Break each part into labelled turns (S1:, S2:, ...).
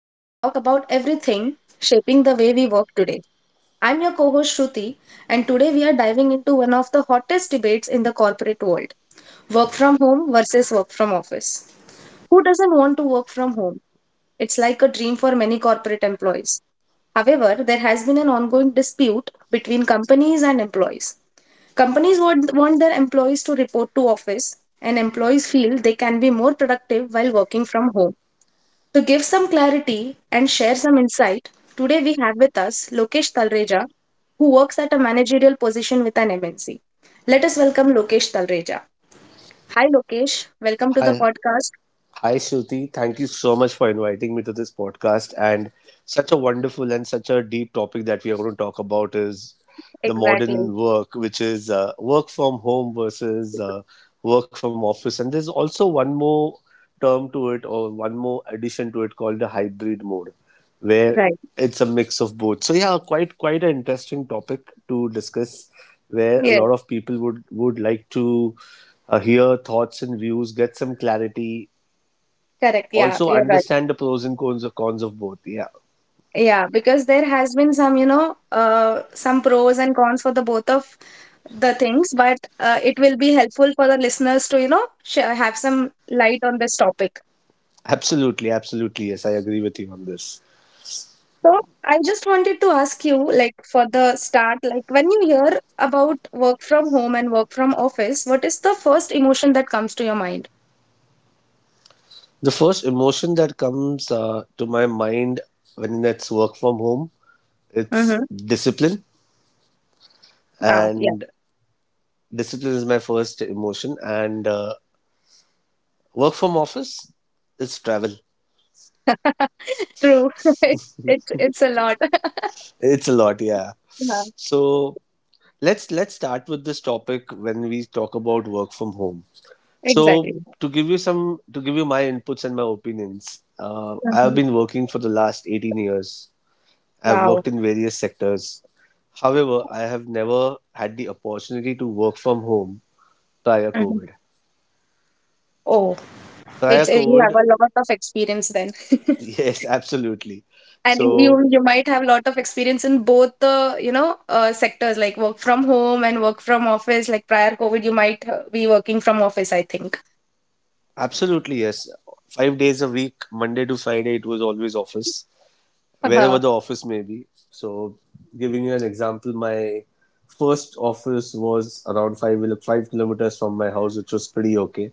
S1: where we talk about everything shaping the way we work today. I'm your co host Shruti, and today we are diving into one of the hottest debates in the corporate world: work from home versus work from office. Who doesn't want to work from home? It's like a dream for many corporate employees. However, there has been an ongoing dispute between companies and employees. Companies want their employees to report to office, and employees feel they can be more productive while working from home. To give some clarity and share some insight, today we have with us Lokesh Talreja, who works at a managerial position with an MNC. Let us welcome Lokesh Talreja. Hi, Lokesh. Welcome to the
S2: Hi,
S1: podcast.
S2: Hi, Shruti. Thank you so much for inviting me to this podcast. And such a wonderful and such a deep topic that we are going to talk about is the
S1: Exactly.
S2: modern work, which is work from home versus work from office. And there's also one more term to it, or one more addition to it, called the hybrid mode, where
S1: Right.
S2: it's a mix of both. So yeah, quite an interesting topic to discuss, where a
S1: Yes,
S2: lot of people would like to hear thoughts and views, get some clarity,
S1: correct. Yeah,
S2: also
S1: you're right.
S2: understand the pros and cons of both. Yeah,
S1: Yeah, because there has been some pros and cons for the both of the things, but it will be helpful for the listeners to, you know, sh have some light on this topic.
S2: absolutely, absolutely. Yes, I agree with you on this.
S1: So I just wanted to ask you, like, for the start, like, when you hear about work from home and work from office, what is the first emotion that comes to your mind?
S2: The first emotion that comes to my mind when it's work from home, it's
S1: Mm-hmm.
S2: discipline,
S1: Wow. Yeah.
S2: and discipline is my first emotion. And work from office is travel.
S1: True. It's a lot.
S2: It's a lot, yeah.
S1: Yeah,
S2: So let's start with this topic when we talk about work from home. So
S1: exactly.
S2: to give you my inputs and my opinions, I have
S1: Mhm.
S2: been working for the last 18 years. I've
S1: Wow.
S2: worked in various sectors. However, I have never had the opportunity to work from home prior
S1: Mhm.
S2: COVID.
S1: Oh.
S2: Prior
S1: It's You have
S2: COVID,
S1: a lot of experience then,
S2: yes, absolutely.
S1: and
S2: So
S1: you you might have a lot of experience in both the sectors like work from home and work from office. Like prior COVID, you might be working from office, I think.
S2: absolutely yes. 5 days a week, Monday to Friday, it was always office, wherever
S1: Uh-huh.
S2: the office may be. So, giving you an example, my first office was around five, 5 kilometers from my house, which was pretty okay.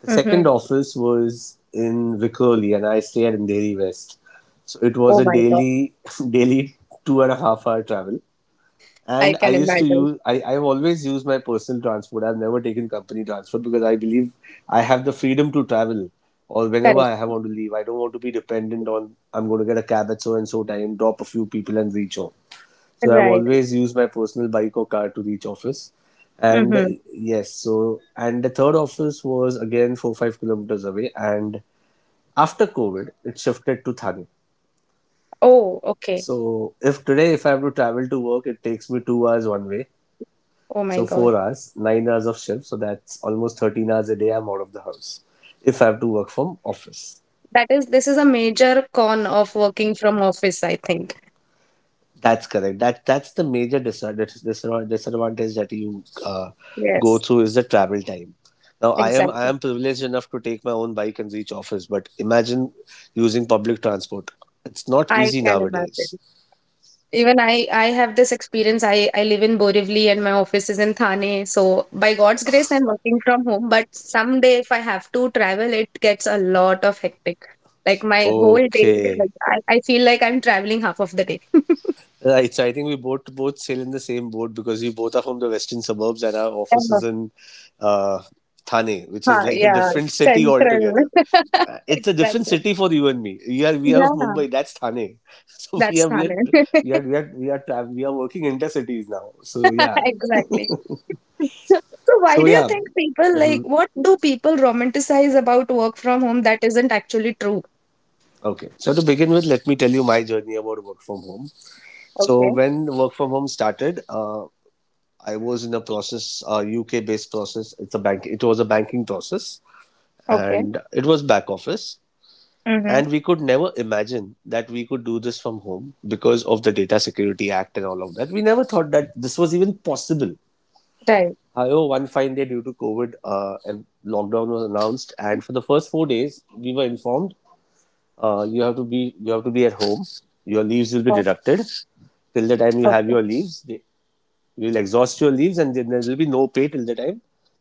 S2: The
S1: Mm-hmm.
S2: second office was in Vikoli, and I stay at Andheri West. So it was
S1: Oh
S2: a
S1: my god,
S2: daily daily 2.5 hour travel.
S1: I
S2: And
S1: can imagine.
S2: I've always used my personal transport. I've never taken company transport because I believe I have the freedom to travel or whenever
S1: Correct.
S2: want to leave. I don't want to be dependent on, I'm going to get a cab at so and so time, drop a few people and reach home. So I've
S1: Right.
S2: always used my personal bike or car to reach office. And
S1: Mm-hmm.
S2: yes, so, and the third office was again four, 5 kilometers away. And after COVID, it shifted to Thane.
S1: Oh, okay.
S2: So if today, if I have to travel to work, it takes me 2 hours one way.
S1: Oh my
S2: So
S1: god,
S2: 4 hours, 9 hours of shift. So that's almost 13 hours a day I'm out of the house if I have to work from office.
S1: that is this is a major con of working from office, I think.
S2: That's correct. That's the major disadvantage that you go
S1: Yes,
S2: through is the travel time. Now I am I
S1: exactly.
S2: am privileged enough to take my own bike and reach office, but imagine using public transport. It's not
S1: I
S2: easy
S1: can
S2: nowadays.
S1: imagine. Even I have this experience. I live in Borivali and my office is in Thane. So by God's grace, I'm working from home. But someday, if I have to travel, it gets a lot of hectic. Like my whole day,
S2: Okay.
S1: like, I feel like I'm traveling half of the day.
S2: Right, so I think we both sail in the same boat because we both are from the western suburbs and our office
S1: Yeah,
S2: is in uh, Thane, which is
S1: huh,
S2: like a
S1: yeah,
S2: different city
S1: central.
S2: altogether. It's a different
S1: Exactly.
S2: city for you and me. We are of
S1: Yeah,
S2: Mumbai. That's Thane. So we
S1: that's
S2: are we are
S1: Thane.
S2: we are we are we are, tra- we are working intercities now. So yeah.
S1: Exactly. So why
S2: So
S1: do you
S2: yeah.
S1: think people like
S2: Mhm.
S1: what do people romanticize about work from home that isn't actually true?
S2: Okay. So to begin with, let me tell you my journey about work from home. So
S1: Okay.
S2: when work from home started, I was in a process, a UK based process. It's a bank. It was a banking process
S1: Okay.
S2: and it was back office.
S1: Mm-hmm.
S2: And we could never imagine that we could do this from home because of the data security act and all of that. We never thought that this was even possible.
S1: Right.
S2: However, one fine day due to COVID, and lockdown was announced, and for the first 4 days we were informed, you have to be at home, your leaves will be
S1: Oh,
S2: deducted till the time you have
S1: okay.
S2: your leaves, you'll exhaust your leaves, and then there will be no pay till the time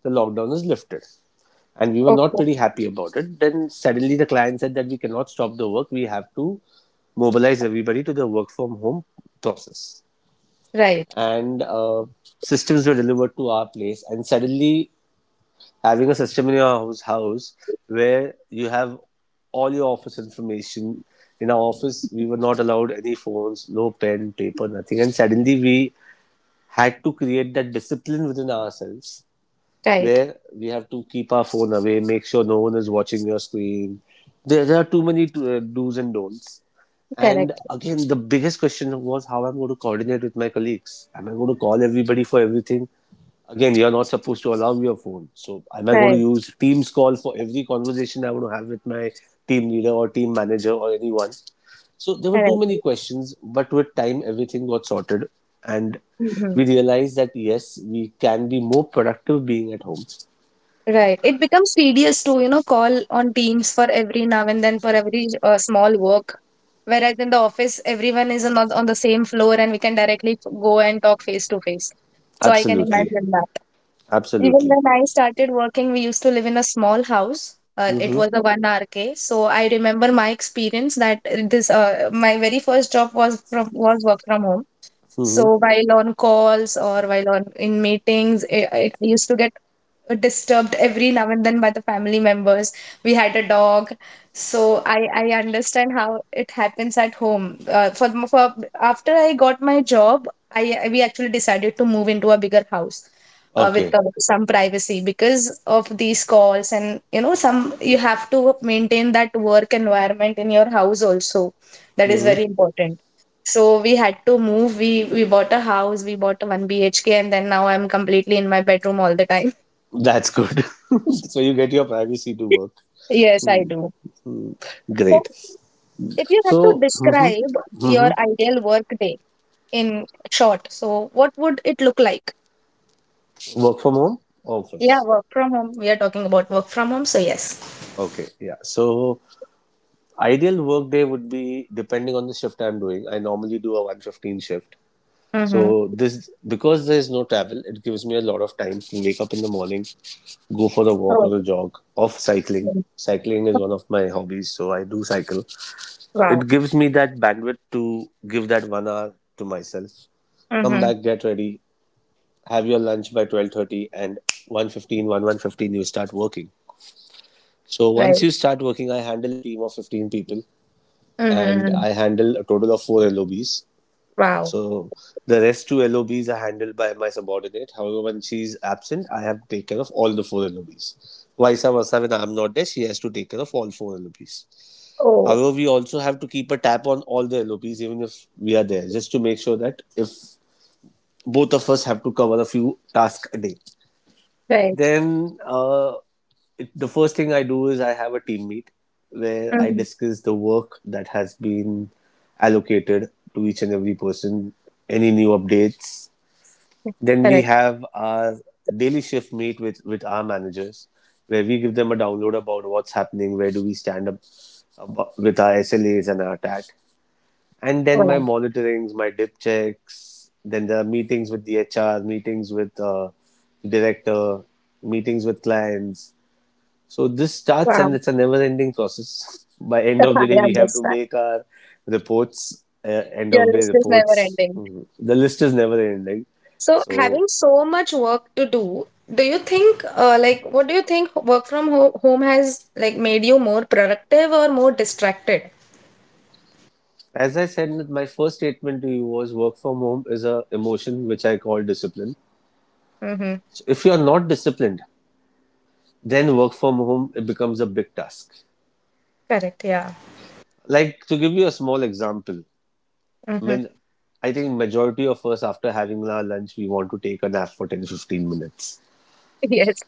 S2: the lockdown is lifted. And we were not
S1: Okay.
S2: pretty happy about it. Then suddenly the client said that we cannot stop the work, we have to mobilize everybody to the work from home process.
S1: Right.
S2: And systems were delivered to our place, and suddenly, having a system in your house where you have all your office information. In our office, we were not allowed any phones, no pen, paper, nothing. And suddenly we had to create that discipline within ourselves
S1: Right.
S2: where we have to keep our phone away, make sure no one is watching your screen. There are too many do's and don'ts. And
S1: Correct.
S2: again, the biggest question was how I'm going to coordinate with my colleagues. Am I going to call everybody for everything? Again, you're not supposed to allow your phone. So, am I going to
S1: Right.
S2: use Teams call for every conversation I want to have with my team leader or team manager or anyone? So, there were too
S1: Correct.
S2: many questions, but with time, everything got sorted. And
S1: Mm-hmm.
S2: we realized that yes, we can be more productive being at home.
S1: Right. It becomes tedious to call on teams for every now and then for every small work. Whereas in the office, everyone is on the same floor, and we can directly go and talk face to face. So I can
S2: Absolutely.
S1: imagine that. Even
S2: Absolutely.
S1: when I started working, we used to live in a small house. It
S2: Mm-hmm.
S1: was a one RK. So I remember my experience that this my very first job was work from home.
S2: Mm-hmm.
S1: So while on calls or while on in meetings, it used to get disturbed every now and then by the family members. We had a dog, so I understand how it happens at home. For After I got my job, we actually decided to move into a bigger house. With
S2: Okay.
S1: some privacy, because of these calls. And some, you have to maintain that work environment in your house also. That is
S2: Mm-hmm.
S1: very important. So we had to move. We bought a house. We bought a 1 BHK. And then now I'm completely in my bedroom all the time.
S2: That's good. So you get your privacy to work.
S1: Yes, I do.
S2: Mm.
S1: So,
S2: Great.
S1: if you had to
S2: So. Mm-hmm.
S1: describe your
S2: Mm-hmm.
S1: ideal work day in short, so what would it look like?
S2: Work from home?
S1: Yeah,
S2: Office?
S1: work from home. We are talking about work from home, so yes.
S2: Okay, yeah, so ideal work day would be, depending on the shift I'm doing, I normally do a 1:15 shift.
S1: Mm-hmm.
S2: So this, because there is no travel, it gives me a lot of time to wake up in the morning, go for a walk
S1: Oh,
S2: or a jog, off cycling.
S1: mm.
S2: Cycling is one of my hobbies, so I do cycle.
S1: Wow.
S2: It gives me that bandwidth to give that 1 hour to myself, come
S1: Mm-hmm.
S2: back, get ready, have your lunch by 12:30, and 1:15, you start working. So once
S1: Right.
S2: you start working, I handle a team of 15 people and
S1: Mm-hmm.
S2: I handle a total of four lobs.
S1: Wow.
S2: So the rest two lobs are handled by my subordinate. However, when she's absent, I have to take care of all the four lobs. Vice versa, when I'm not there, she has to take care of all four lobs.
S1: Oh,
S2: However, we also have to keep a tap on all the LOPs, even if we are there, just to make sure that if both of us have to cover a few tasks a day,
S1: right.
S2: then the first thing I do is I have a team meet where I
S1: Mm-hmm.
S2: discuss the work that has been allocated to each and every person, any new updates. Then we
S1: Correct.
S2: have our daily shift meet with our managers where we give them a download about what's happening, where do we stand up with our SLAs and our TAT. And then my
S1: Wow.
S2: monitorings, my dip checks, then there are meetings with the HR, meetings with director, meetings with clients. So this starts
S1: Wow.
S2: and it's a never-ending process. By end of the day,
S1: I
S2: we have to
S1: understand.
S2: make our reports, uh, end
S1: Your
S2: of day
S1: list is never
S2: reports.
S1: ending.
S2: Mhm. The list is never-ending.
S1: So,
S2: So
S1: having so much work to do, what do you think work from ho home has like made you more productive or more distracted?
S2: as I said, my first statement to you was work from home is an emotion which I call discipline.
S1: Mm-hmm.
S2: So if you are not disciplined, then work from home, it becomes a big task.
S1: Correct. Yeah.
S2: Like, to give you a small example, I
S1: Mm-hmm.
S2: mean, I think majority of us after having our lunch, we want to take a nap for 10, to 15 minutes,
S1: Yes.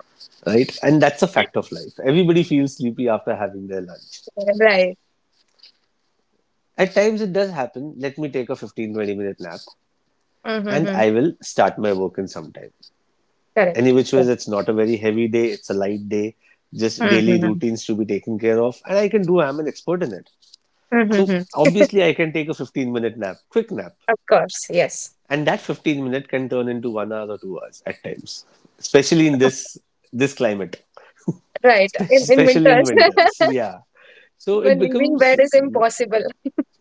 S2: right? And that's a fact of life. Everybody feels sleepy after having their lunch.
S1: Right.
S2: At times it does happen. Let me take a 15, to 20 minute nap and
S1: Mm-hmm.
S2: I will start my work in some time. Any
S1: Correct.
S2: which ways, it's not a very heavy day. It's a light day, just daily
S1: Mm-hmm.
S2: routines to be taken care of. And I can do, I'm an expert in it. So
S1: Mm-hmm.
S2: obviously I can take a 15-minute nap, quick nap.
S1: Of course. Yes.
S2: And that 15 minutes can turn into 1 hour or 2 hours at times, especially in this climate.
S1: Right. In
S2: Especially in
S1: winters,
S2: winters. So yeah, so it
S1: when leaving
S2: becomes
S1: bed is impossible.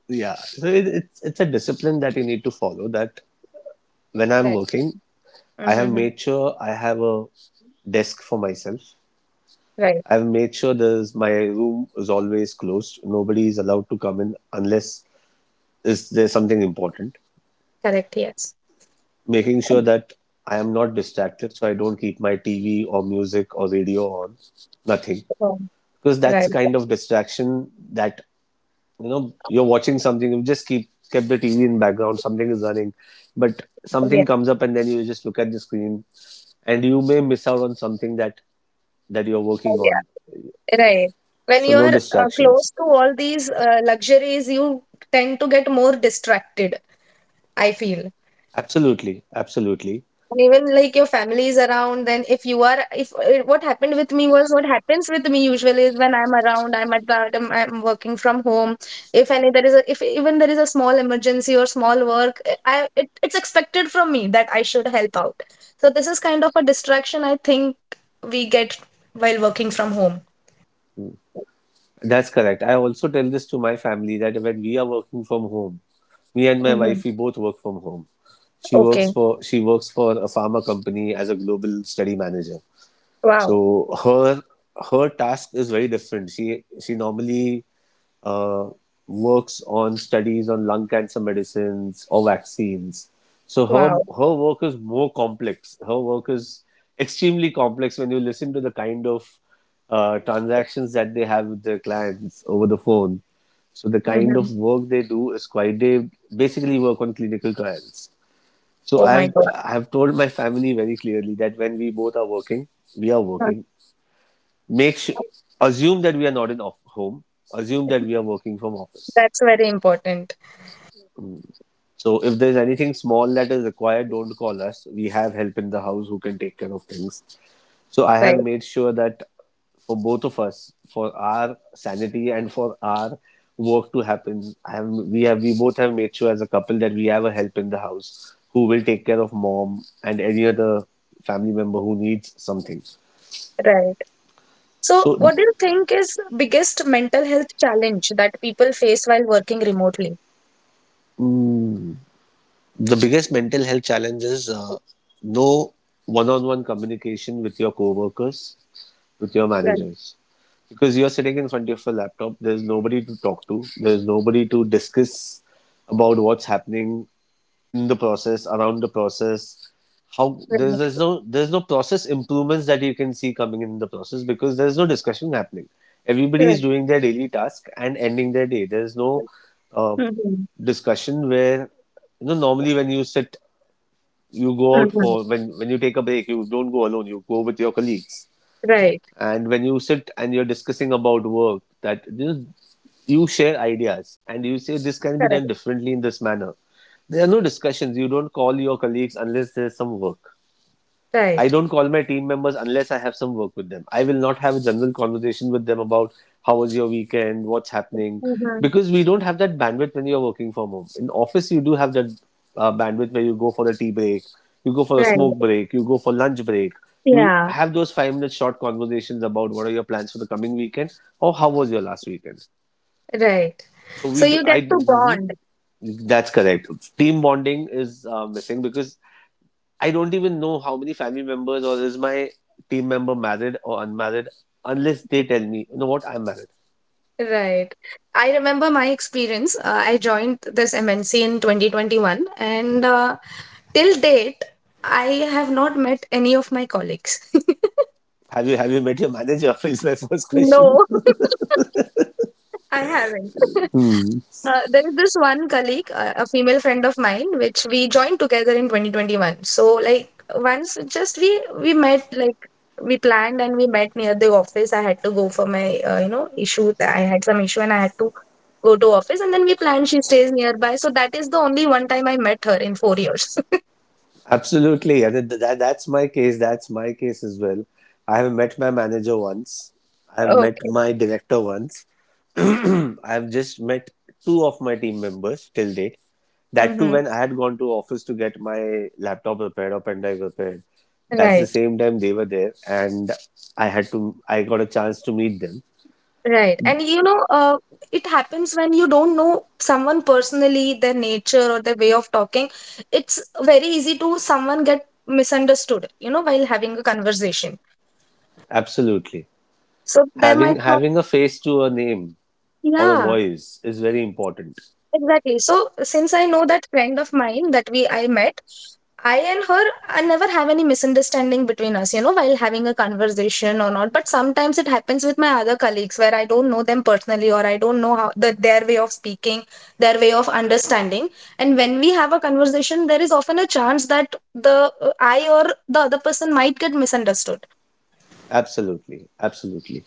S2: yeah so it, it's a discipline that you need to follow, that when I'm
S1: Right.
S2: working, I have
S1: Mm-hmm.
S2: made sure I have a desk for myself.
S1: Right.
S2: I've made sure there's my room is always closed, nobody is allowed to come in unless is there's something important.
S1: Correct. Yes.
S2: Making sure that I am not distracted, so I don't keep my TV or music or radio on, nothing,
S1: Um,
S2: because that's a
S1: Right.
S2: kind of distraction that, you know, you're watching something. You just keep kept the TV in background, something is running, but something comes up and then you just look at the screen, and you may miss out on something that you're working on.
S1: Yeah. Right. When
S2: So
S1: you
S2: no
S1: are
S2: distractions.
S1: close to all these luxuries, you tend to get more distracted, I feel.
S2: Absolutely, absolutely.
S1: And even like your family is around, then if you are, if what happens with me usually is when I'm around, I'm working from home. If any, there is a, If even there is a small emergency or small work, it's expected from me that I should help out. So this is kind of a distraction, I think, we get while working from home.
S2: That's correct. I also tell this to my family that when we are working from home, me and my
S1: Hmm.
S2: wife, we both work from home.
S1: Okay.
S2: She works for a pharma company as a global study manager. So
S1: Wow.
S2: her her task is very different. She normally uh, works on studies on lung cancer medicines or vaccines. So her
S1: Wow.
S2: her work is more complex. Her work is extremely complex when you listen to the kind of transactions that they have with their clients over the phone. So the kind
S1: Mhm.
S2: of work they do is quite, they basically work on clinical trials. so
S1: Oh my
S2: I've
S1: God.
S2: I've told my family very clearly that when we both are working, we are
S1: Huh.
S2: working. Make sure, assume that we are not in off- home. Assume that we are working from office.
S1: That's very important.
S2: So if there's anything small that is required, don't call us. We have help in the house who can take care of things. So I have
S1: Right,
S2: made sure that for both of us, for our sanity and for our work to happen, I have, we both have made sure as a couple that we have a help in the house who will take care of mom and any other family member who needs something.
S1: right. So,
S2: So
S1: what do you think is biggest mental health challenge that people face while working remotely?
S2: mm, the biggest mental health challenge is no one-on-one communication with your coworkers, with your
S1: Right,
S2: managers, because you're sitting in front of a laptop. There's nobody to talk to, there's nobody to discuss about what's happening in the process, around the process. How there's, there's
S1: right,
S2: no there's no process improvements that you can see coming in the process, because there's no discussion happening. Everybody
S1: right.
S2: is doing their daily task and ending their day. There's no uh,
S1: Mhm,
S2: Discussion where, you know, normally when you sit, you go out
S1: mhm.
S2: for, when you take a break, you don't go alone, you go with your colleagues.
S1: Right,
S2: And when you sit and you're discussing about work, you share ideas and you say this can be
S1: correct.
S2: done differently in this manner. There are no discussions. You don't call your colleagues unless there's some work. I
S1: Right.
S2: don't call my team members unless I have some work with them. I will not have a general conversation with them about how was your weekend, what's happening,
S1: Mhm.
S2: because we don't have that bandwidth when you're working from home. In office, you do have that bandwidth where you go for a tea break, you go for a
S1: Right.
S2: smoke break, you go for lunch break. You
S1: Yeah,
S2: have those 5 minute short conversations about what are your plans for the coming weekend or how was your last weekend.
S1: right.
S2: So we
S1: So
S2: do.
S1: you get
S2: I.
S1: to
S2: Mhm.
S1: bond.
S2: That's correct. Team bonding is missing, because I don't even know how many family members, or is my team member married or unmarried, unless they tell me, you know what, I'm married.
S1: Right. I remember my experience. I joined this MNC in 2021, and till date, I have not met any of my colleagues.
S2: Have you met your manager? Is my first question.
S1: No. I haven't.
S2: Hmm.
S1: There is this one colleague, a female friend of mine, which we joined together in 2021. So, like, once just we met, like, we planned and we met near the office. I had to go for my, issue. I had some issue and I had to go to office. And then we planned, she stays nearby. So that is the only one time I met her in 4 years.
S2: Absolutely, and that's my case. That's my case as well. I have met my manager once. I have met
S1: Okay.
S2: my director once. I've just met two of my team members till date. That too,
S1: Mm-hmm.
S2: when I had gone to office to get my laptop repaired or pen drive repaired, that's the
S1: Right.
S2: same time they were there, and I had to, I got a chance to meet them.
S1: Right. And it happens when you don't know someone personally, their nature or their way of talking. It's very easy to someone get misunderstood while having a conversation.
S2: Absolutely,
S1: So they might
S2: having
S1: not,
S2: having a face to a name or a
S1: yeah.
S2: voice is very important.
S1: Exactly. So since I know that friend of mine that we I met, I and her I never have any misunderstanding between us while having a conversation or not. But sometimes it happens with my other colleagues where I don't know them personally, or I don't know how their way of speaking, their way of understanding. And when we have a conversation, there is often a chance that the I or the other person might get misunderstood.
S2: Absolutely, absolutely.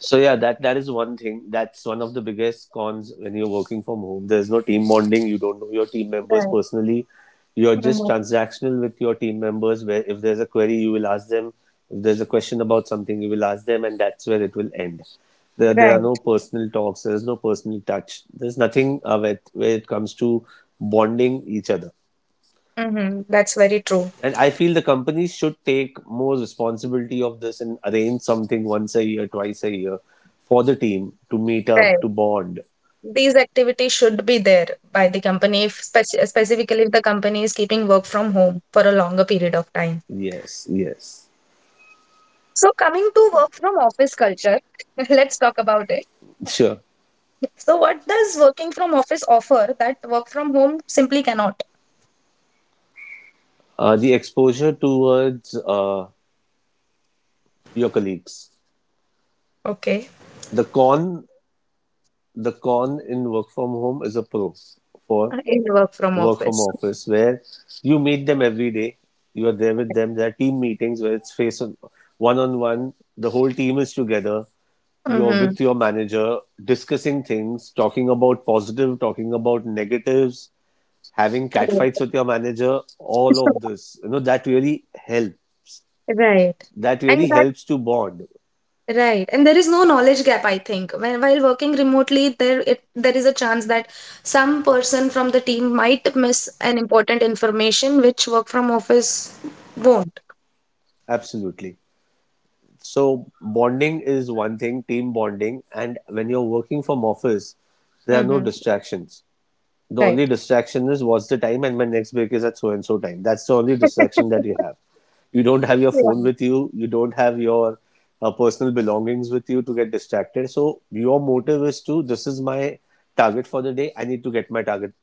S2: So yeah, that is one thing. That's one of the biggest cons when you're working from home. There's no team bonding. You don't know your team members
S1: Right.
S2: personally. You're just
S1: Hmm.
S2: transactional with your team members, where if there's a query, you will ask them. If there's a question about something, you will ask them, and that's where it will end. There are no
S1: Right.
S2: personal talks. There's no personal touch. There's nothing where it comes to bonding each other.
S1: Hmm. That's very true.
S2: And I feel the companies should take more responsibility of this and arrange something once a year, twice a year, for the team to meet
S1: Right.
S2: up, to bond.
S1: These activities should be there by the company, if spec- specifically if the company is keeping work from home for a longer period of time.
S2: Yes, yes.
S1: So coming to work from office culture, let's talk about it.
S2: Sure.
S1: So what does working from office offer that work from home simply cannot?
S2: The exposure towards your colleagues.
S1: Okay.
S2: The con, the con in work from home is a pro for
S1: In work from
S2: work from
S1: office.
S2: office, where you meet them every day. You are there with them. There are team meetings where it's face on, one on one. The whole team is together. You're
S1: Mm-hmm.
S2: with your manager discussing things, talking about positive, talking about negatives, having catfights with your manager, all of this. You know, that really helps.
S1: Right.
S2: That
S1: And
S2: really
S1: that.
S2: helps to bond.
S1: Right. And there is no knowledge gap, I think. When While working remotely, there is a chance that some person from the team might miss an important information which work from office won't.
S2: Absolutely. So bonding is one thing, team bonding. And when you're working from office, there are no
S1: Mm-hmm.
S2: distractions. The only
S1: Right.
S2: distraction is what's the time and my next break is at so and so time. That's the only distraction that you have. You don't have your
S1: Yeah.
S2: phone with you. You don't have your personal belongings with you to get distracted. So your motive is, to this is my target for the day. I need to get my target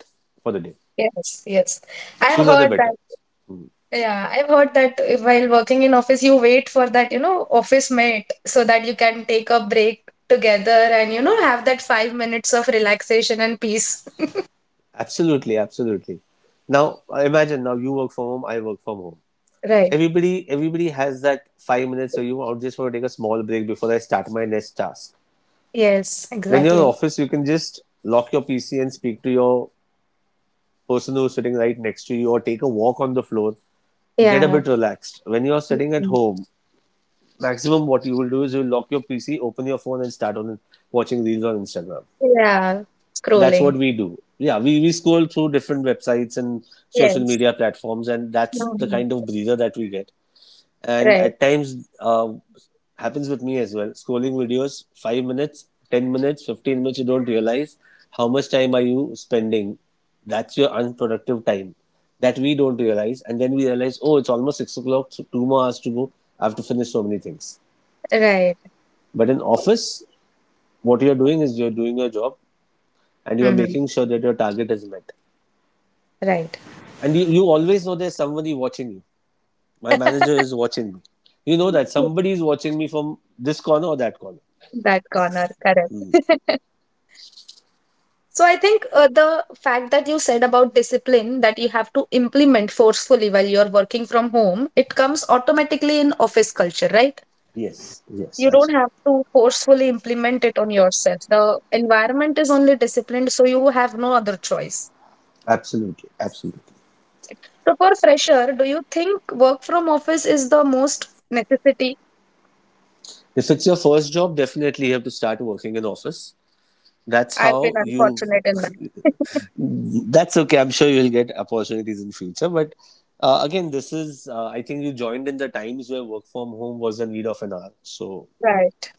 S2: for the day.
S1: Yes, yes. I've
S2: Sooner the
S1: heard
S2: better.
S1: that. Yeah, I've heard that while working in office, you wait for that office mate so that you can take a break together and have that 5 minutes of relaxation and peace.
S2: Absolutely, absolutely. Now imagine, now you work from home, I work from home.
S1: Right.
S2: Everybody, everybody has that 5 minutes. So you, I just want to take a small break before I start my next task.
S1: Yes.
S2: When you're in
S1: Exactly.
S2: office, you can just lock your PC and speak to your person who's sitting right next to you, or take a walk on the floor, get a
S1: Yeah.
S2: bit relaxed. When you're sitting at
S1: Mhm.
S2: home, maximum what you will do is you'll lock your PC, open your phone, and start on watching reels on Instagram.
S1: Yeah,
S2: That's
S1: scrolling.
S2: what we do. Yeah, we scroll through different websites and social
S1: Yes.
S2: media platforms, and that's the
S1: Mhm.
S2: kind of breather that we get. And
S1: Right,
S2: at times happens with me as well, scrolling videos 5 minutes, 10 minutes, 15 minutes, you don't realize how much time are you spending. That's your unproductive time that we don't realize, and then we realize, oh, it's almost 6 o'clock, so two more hours to go. I have to finish so many things.
S1: right.
S2: But in office, what you're doing is you're doing your job, and you're
S1: Mhm.
S2: making sure that your target is met.
S1: Right.
S2: And you always know there's somebody watching you. My manager is watching me. You know that somebody is watching me from this corner or that corner.
S1: That corner, correct. So I think the fact that you said about discipline, that you have to implement forcefully while you're working from home, it comes automatically in office culture, right?
S2: Yes, yes,
S1: You don't
S2: absolutely.
S1: have to forcefully implement it on yourself. The environment is only disciplined, so you have no other choice.
S2: Absolutely, absolutely.
S1: So for fresher, do you think work from office is the most necessity?
S2: If it's your first job, definitely you have to start working in office. That's
S1: I've been
S2: how you
S1: unfortunate in that.
S2: that's okay. I'm sure you'll get opportunities in future, but again, this is I think you joined in the times where work from home was the need of an hour. So
S1: Right.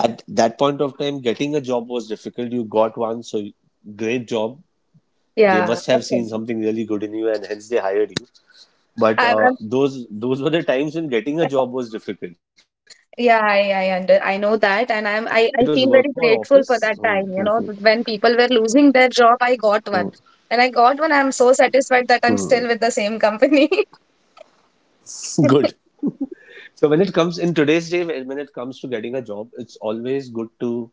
S2: at that point of time, getting a job was difficult. You got one, so you- great job. They
S1: Yeah.
S2: must have
S1: Okay.
S2: seen something really good in you, and hence they hired you. But uh,
S1: I'm
S2: those those were the times when getting a job was difficult.
S1: Yeah,
S2: So whether it was work
S1: I
S2: from
S1: know
S2: home
S1: that,
S2: or
S1: and I'm I,
S2: office.
S1: I
S2: Hmm,
S1: feel very
S2: hmm,
S1: grateful
S2: hmm,
S1: for that time, when people were losing
S2: hmm,
S1: their job, I got one. And I got one, I'm so
S2: hmm.
S1: satisfied that I'm still with the same company.
S2: Good. So when it comes in today's day, when it comes to getting a job, it's always good to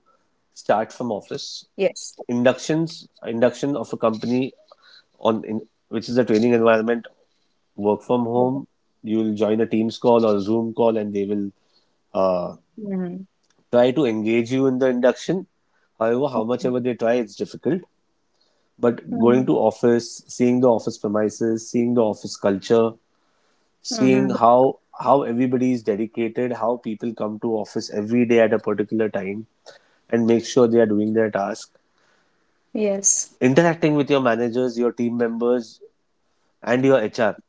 S2: start from office.
S1: Yes.
S2: Inductions, induction of a company on in which is a training environment, work from home. You will join a Teams call or Zoom call, and they will uh,
S1: Mm-hmm.
S2: try to engage you in the induction. However, how much ever they try, it's difficult. But going to office, seeing the office premises, seeing the office culture, seeing
S1: Mm-hmm.
S2: how everybody is dedicated, how people come to office every day at a particular time and make sure they are doing their task.
S1: Yes.
S2: Interacting with your managers, your team members, and your HR.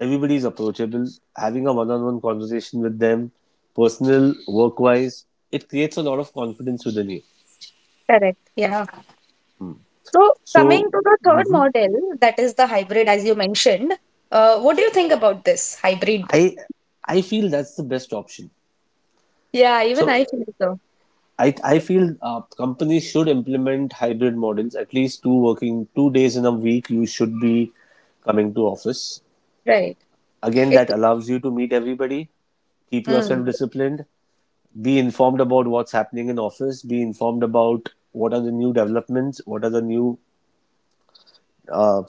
S2: Everybody is approachable. Having a one on one conversation with them, personal, work wise, it creates a lot of confidence within you.
S1: Correct. Yeah. So, coming
S2: So,
S1: to the third
S2: mhm,
S1: model, that is the hybrid, as you mentioned, what do you think about this hybrid?
S2: I I feel that's the best option.
S1: Yeah, even I
S2: So,
S1: feel so.
S2: I feel companies should implement hybrid models. At least 2 days in a week you should be coming to office.
S1: Right.
S2: Again,
S1: It,
S2: that allows you to meet everybody, keep
S1: mm,
S2: yourself disciplined, be informed about what's happening in office, be informed about what are the new developments, what are the new uh,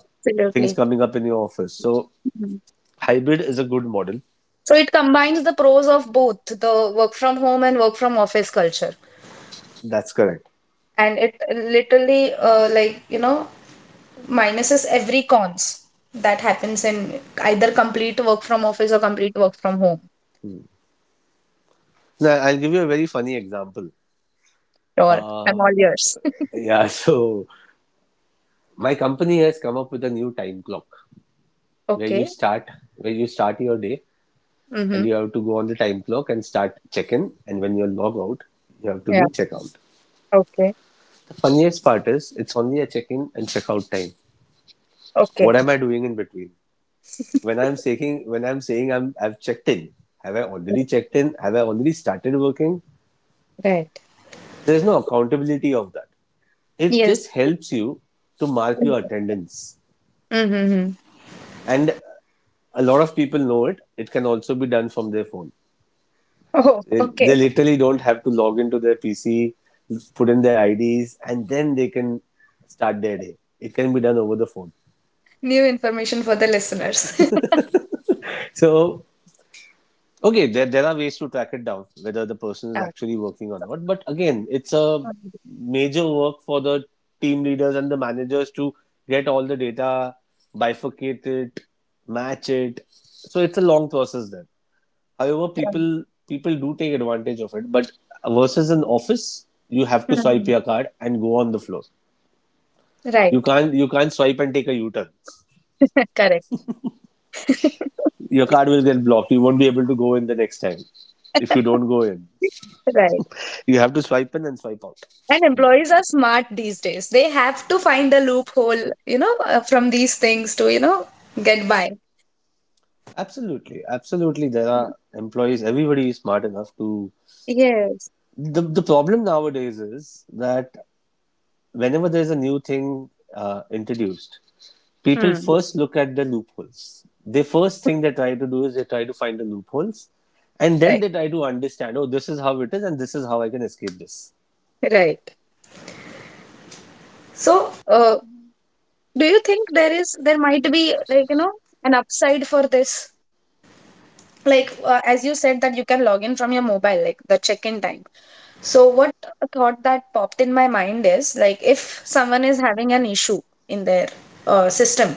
S2: things
S1: Absolutely.
S2: coming up in your office. So
S1: Mhm.
S2: hybrid is a good model.
S1: So, it combines the pros of both the work from home and work from office culture.
S2: That's correct.
S1: And it literally, minuses every cons that happens in either complete work from office or complete work from home.
S2: Now I'll give you a very funny example.
S1: Or I'm
S2: uh,
S1: all yours.
S2: yeah. So my company has come up with a new time clock where you
S1: Okay.
S2: start, where you start your day, and
S1: Mm-hmm.
S2: you have to go on the time clock and start check-in, and when you log out you have to
S1: Yeah.
S2: do check-out.
S1: Okay.
S2: The funniest part is it's only a check-in and check-out time.
S1: Okay.
S2: What am I doing in between? When I'm saying, when I'm saying, I've checked in, have I already checked in, have I already started working?
S1: Right.
S2: There's no accountability of that. It
S1: Yes.
S2: just helps you to mark your attendance.
S1: Mm-hmm.
S2: And a lot of people know it, it can also be done from their phone.
S1: Oh, okay.
S2: They literally don't have to log into their PC, put in their IDs, and then they can start their day. It can be done over the phone.
S1: New information for the listeners.
S2: So, okay, there are ways to track it down, whether the person is
S1: Yeah.
S2: actually working or not. But again, it's a
S1: Mhm.
S2: major work for the team leaders and the managers to get all the data, bifurcate it, match it. So, it's a long process then. However,
S1: Yeah.
S2: people do take advantage of it. But versus an office, you have to swipe
S1: Mhm.
S2: your card and go on the floor. You
S1: Right.
S2: can't you can't swipe and take a U-turn.
S1: Correct.
S2: Your card will get blocked. You won't be able to go in the next time if you don't go in.
S1: Right.
S2: You have to swipe in and swipe out.
S1: And employees are smart these days. They have to find a loophole, from these things to get by.
S2: Absolutely, absolutely. There are employees. Everybody is smart enough to.
S1: Yes.
S2: The problem nowadays is that whenever there's a new thing introduced, people
S1: Hmm.
S2: first look at the loopholes. The first thing they try to do is they try to find the loopholes, and then
S1: Right.
S2: they try to understand. Oh, this is how it is, and this is how I can escape this.
S1: Right. So, do you think there might be like an upside for this? Like as you said that you can log in from your mobile, like the check-in time. So what thought that popped in my mind is, like, if someone is having an issue in their system,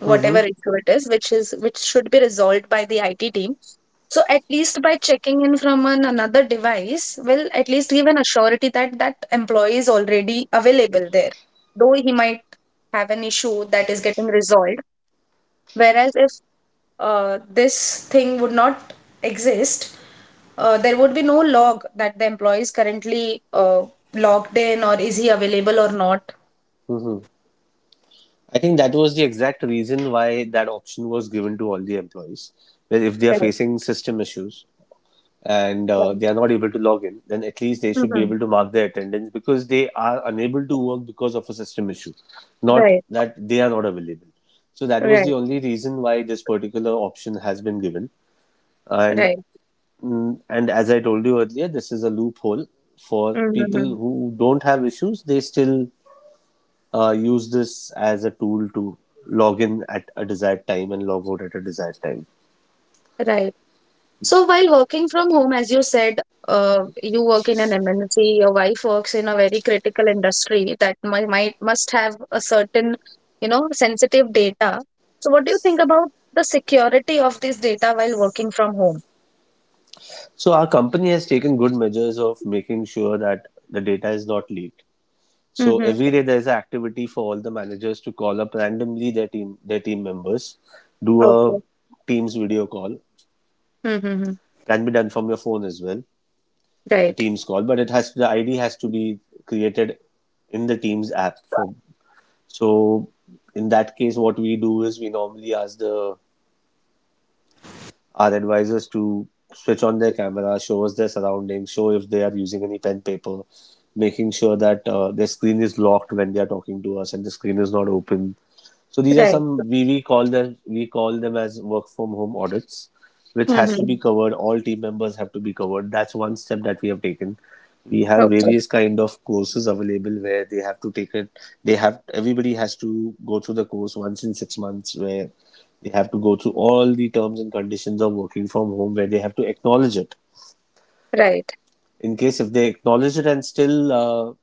S1: whatever
S2: Mm-hmm.
S1: issue it is, which should be resolved by the IT team, so at least by checking in from another device will at least give an assurity that that employee is already available there, though he might have an issue that is getting resolved. Whereas if this thing would not exist, there would be no log that the employee is currently logged in, or is he available or not.
S2: Mm-hmm. I think that was the exact reason why that option was given to all the employees. Where if they are
S1: Right,
S2: facing system issues, and they
S1: right.
S2: are not able to log in, then at least they should be
S1: Mhm.
S2: able to mark their attendance because they are unable to work because of a system issue, not
S1: Right,
S2: that they are not available. So that was the
S1: right,
S2: only reason why this particular option has been given. And
S1: right.
S2: and as I told you earlier, this is a loophole for
S1: Mhm.
S2: people who don't have issues. They still use this as a tool to log in at a desired time and log out at a desired time.
S1: Right. So while working from home, as you said, you work in an MNC, your wife works in a very critical industry that might must have a certain sensitive data. So what do you think about the security of this data while working from home?
S2: So our company has taken good measures of making sure that the data is not leaked. So
S1: Mm-hmm.
S2: every day there's an activity for all the managers to call up randomly their team members, do a
S1: Okay.
S2: Teams video call.
S1: Mm-hmm.
S2: Can be done from your phone as well, a
S1: Right,
S2: Teams call, but it has the ID has to be created in the Teams app. For so in that case, what we do is we normally ask the our advisors to switch on their camera, show us their surroundings, show if they are using any pen paper, making sure that their screen is locked when they are talking to us and the screen is not open. So these are
S1: right.
S2: some we call them we call them as work from home audits, which has to be
S1: Mm-hmm.
S2: covered. All team members have to be covered. That's one step that we have taken. We have
S1: Okay.
S2: various kind of courses available where they have to take it. They have Everybody has to go through the course once in 6 months where they have to go through all the terms and conditions of working from home where they have to acknowledge it.
S1: Right.
S2: In case if they acknowledge it and still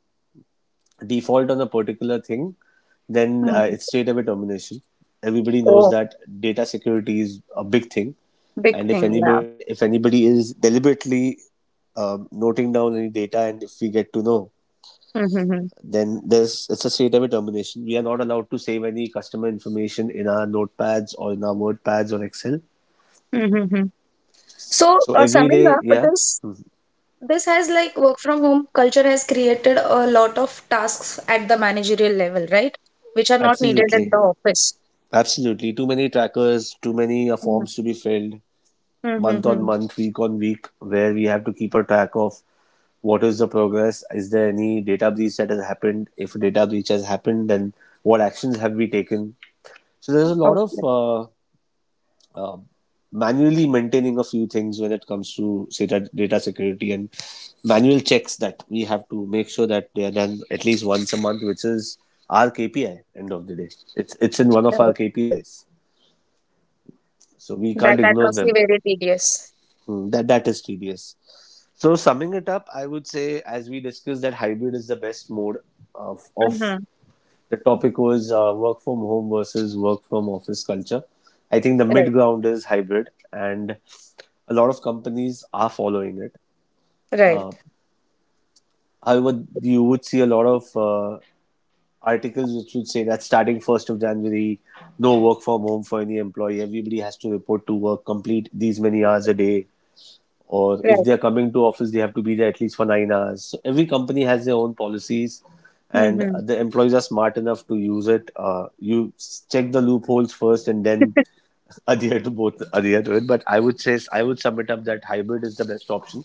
S2: default on a particular thing, then it's
S1: Mm.
S2: straight away termination. Everybody knows
S1: Oh,
S2: that data security is a big thing,
S1: big
S2: and if
S1: thing, yeah.
S2: anybody if anybody is deliberately noting down any data, and if we get to know,
S1: Mm-hmm.
S2: then there's it's a straight away termination. We are not allowed to save any customer information in our notepads or in our WordPads or Excel.
S1: Mm-hmm. So,
S2: So every
S1: summing
S2: day,
S1: up,
S2: yeah,
S1: this has like work from home culture has created a lot of tasks at the managerial level, right? Which are not needed at
S2: absolutely,
S1: the office.
S2: absolutely. Too many trackers, too many forms to be filled. Month on
S1: Mm-hmm.
S2: month, week on week, where we have to keep a track of what is the progress, is there any data breach that has happened? If a data breach has happened, then what actions have we taken? So there's a lot
S1: Okay.
S2: of uh, uh, manually maintaining a few things when it comes to, say, data security and manual checks that we have to make sure that they are done at least once a month, which is our KPI. End of the day, it's in one of our
S1: Right.
S2: KPIs, so we
S1: That
S2: can't
S1: that
S2: ignore
S1: must be
S2: them.
S1: very tedious.
S2: Hmm. That is tedious. So summing it up, I would say, as we discussed, that hybrid is the best mode of
S1: Mm-hmm.
S2: the topic was work from home versus work from office culture. I think the
S1: Right.
S2: mid ground is hybrid, and a lot of companies are following it. Uh,
S1: Right.
S2: However, you would see a lot of articles which would say that starting January 1st, no work from home for any employee. Everybody has to report to work, complete these many hours a day, or if
S1: Right.
S2: they are coming to office they have to be there at least for 9 hours. So every company has their own policies and
S1: Mm-hmm.
S2: the employees are smart enough to use it, you check the loopholes first and then adhere to both, adhere to it. But I would say I would sum it up that hybrid is the best option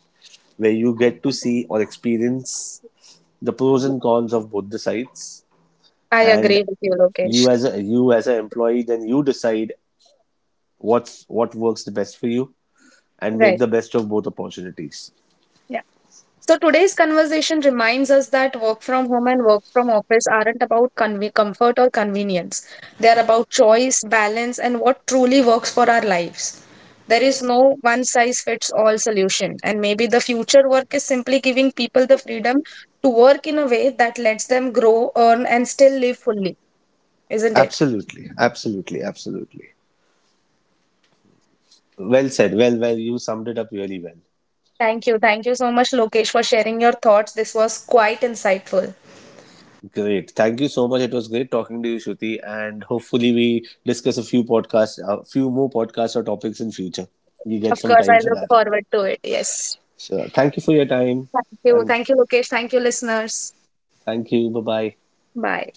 S2: where you get to see or experience the pros and cons of both the sides.
S1: I
S2: And
S1: agree with you, Lokesh.
S2: you as an employee, then you decide what's what works the best for you and make
S1: Right.
S2: the best of both opportunities.
S1: So today's conversation reminds us that work from home and work from office aren't about comfort or convenience. They are about choice, balance, and what truly works for our lives. There is no one size fits all solution, and maybe the future work is simply giving people the freedom to work in a way that lets them grow, earn, and still live fully, isn't it?
S2: Absolutely, absolutely, absolutely. Well said. Well, well, you summed it up really well.
S1: Thank you. Thank you so much, Lokesh, for sharing your thoughts. This was quite insightful.
S2: Great. Thank you so much. It was great talking to you, Shruti, and hopefully we discuss a few more podcasts or topics in future. We get
S1: Of
S2: some
S1: course,
S2: time
S1: I
S2: for
S1: look
S2: that.
S1: forward to it. Yes.
S2: So, thank you for your time,
S1: Thank you.
S2: and
S1: Thank you, Lokesh. Thank you, listeners.
S2: thank you. Bye bye.
S1: Bye.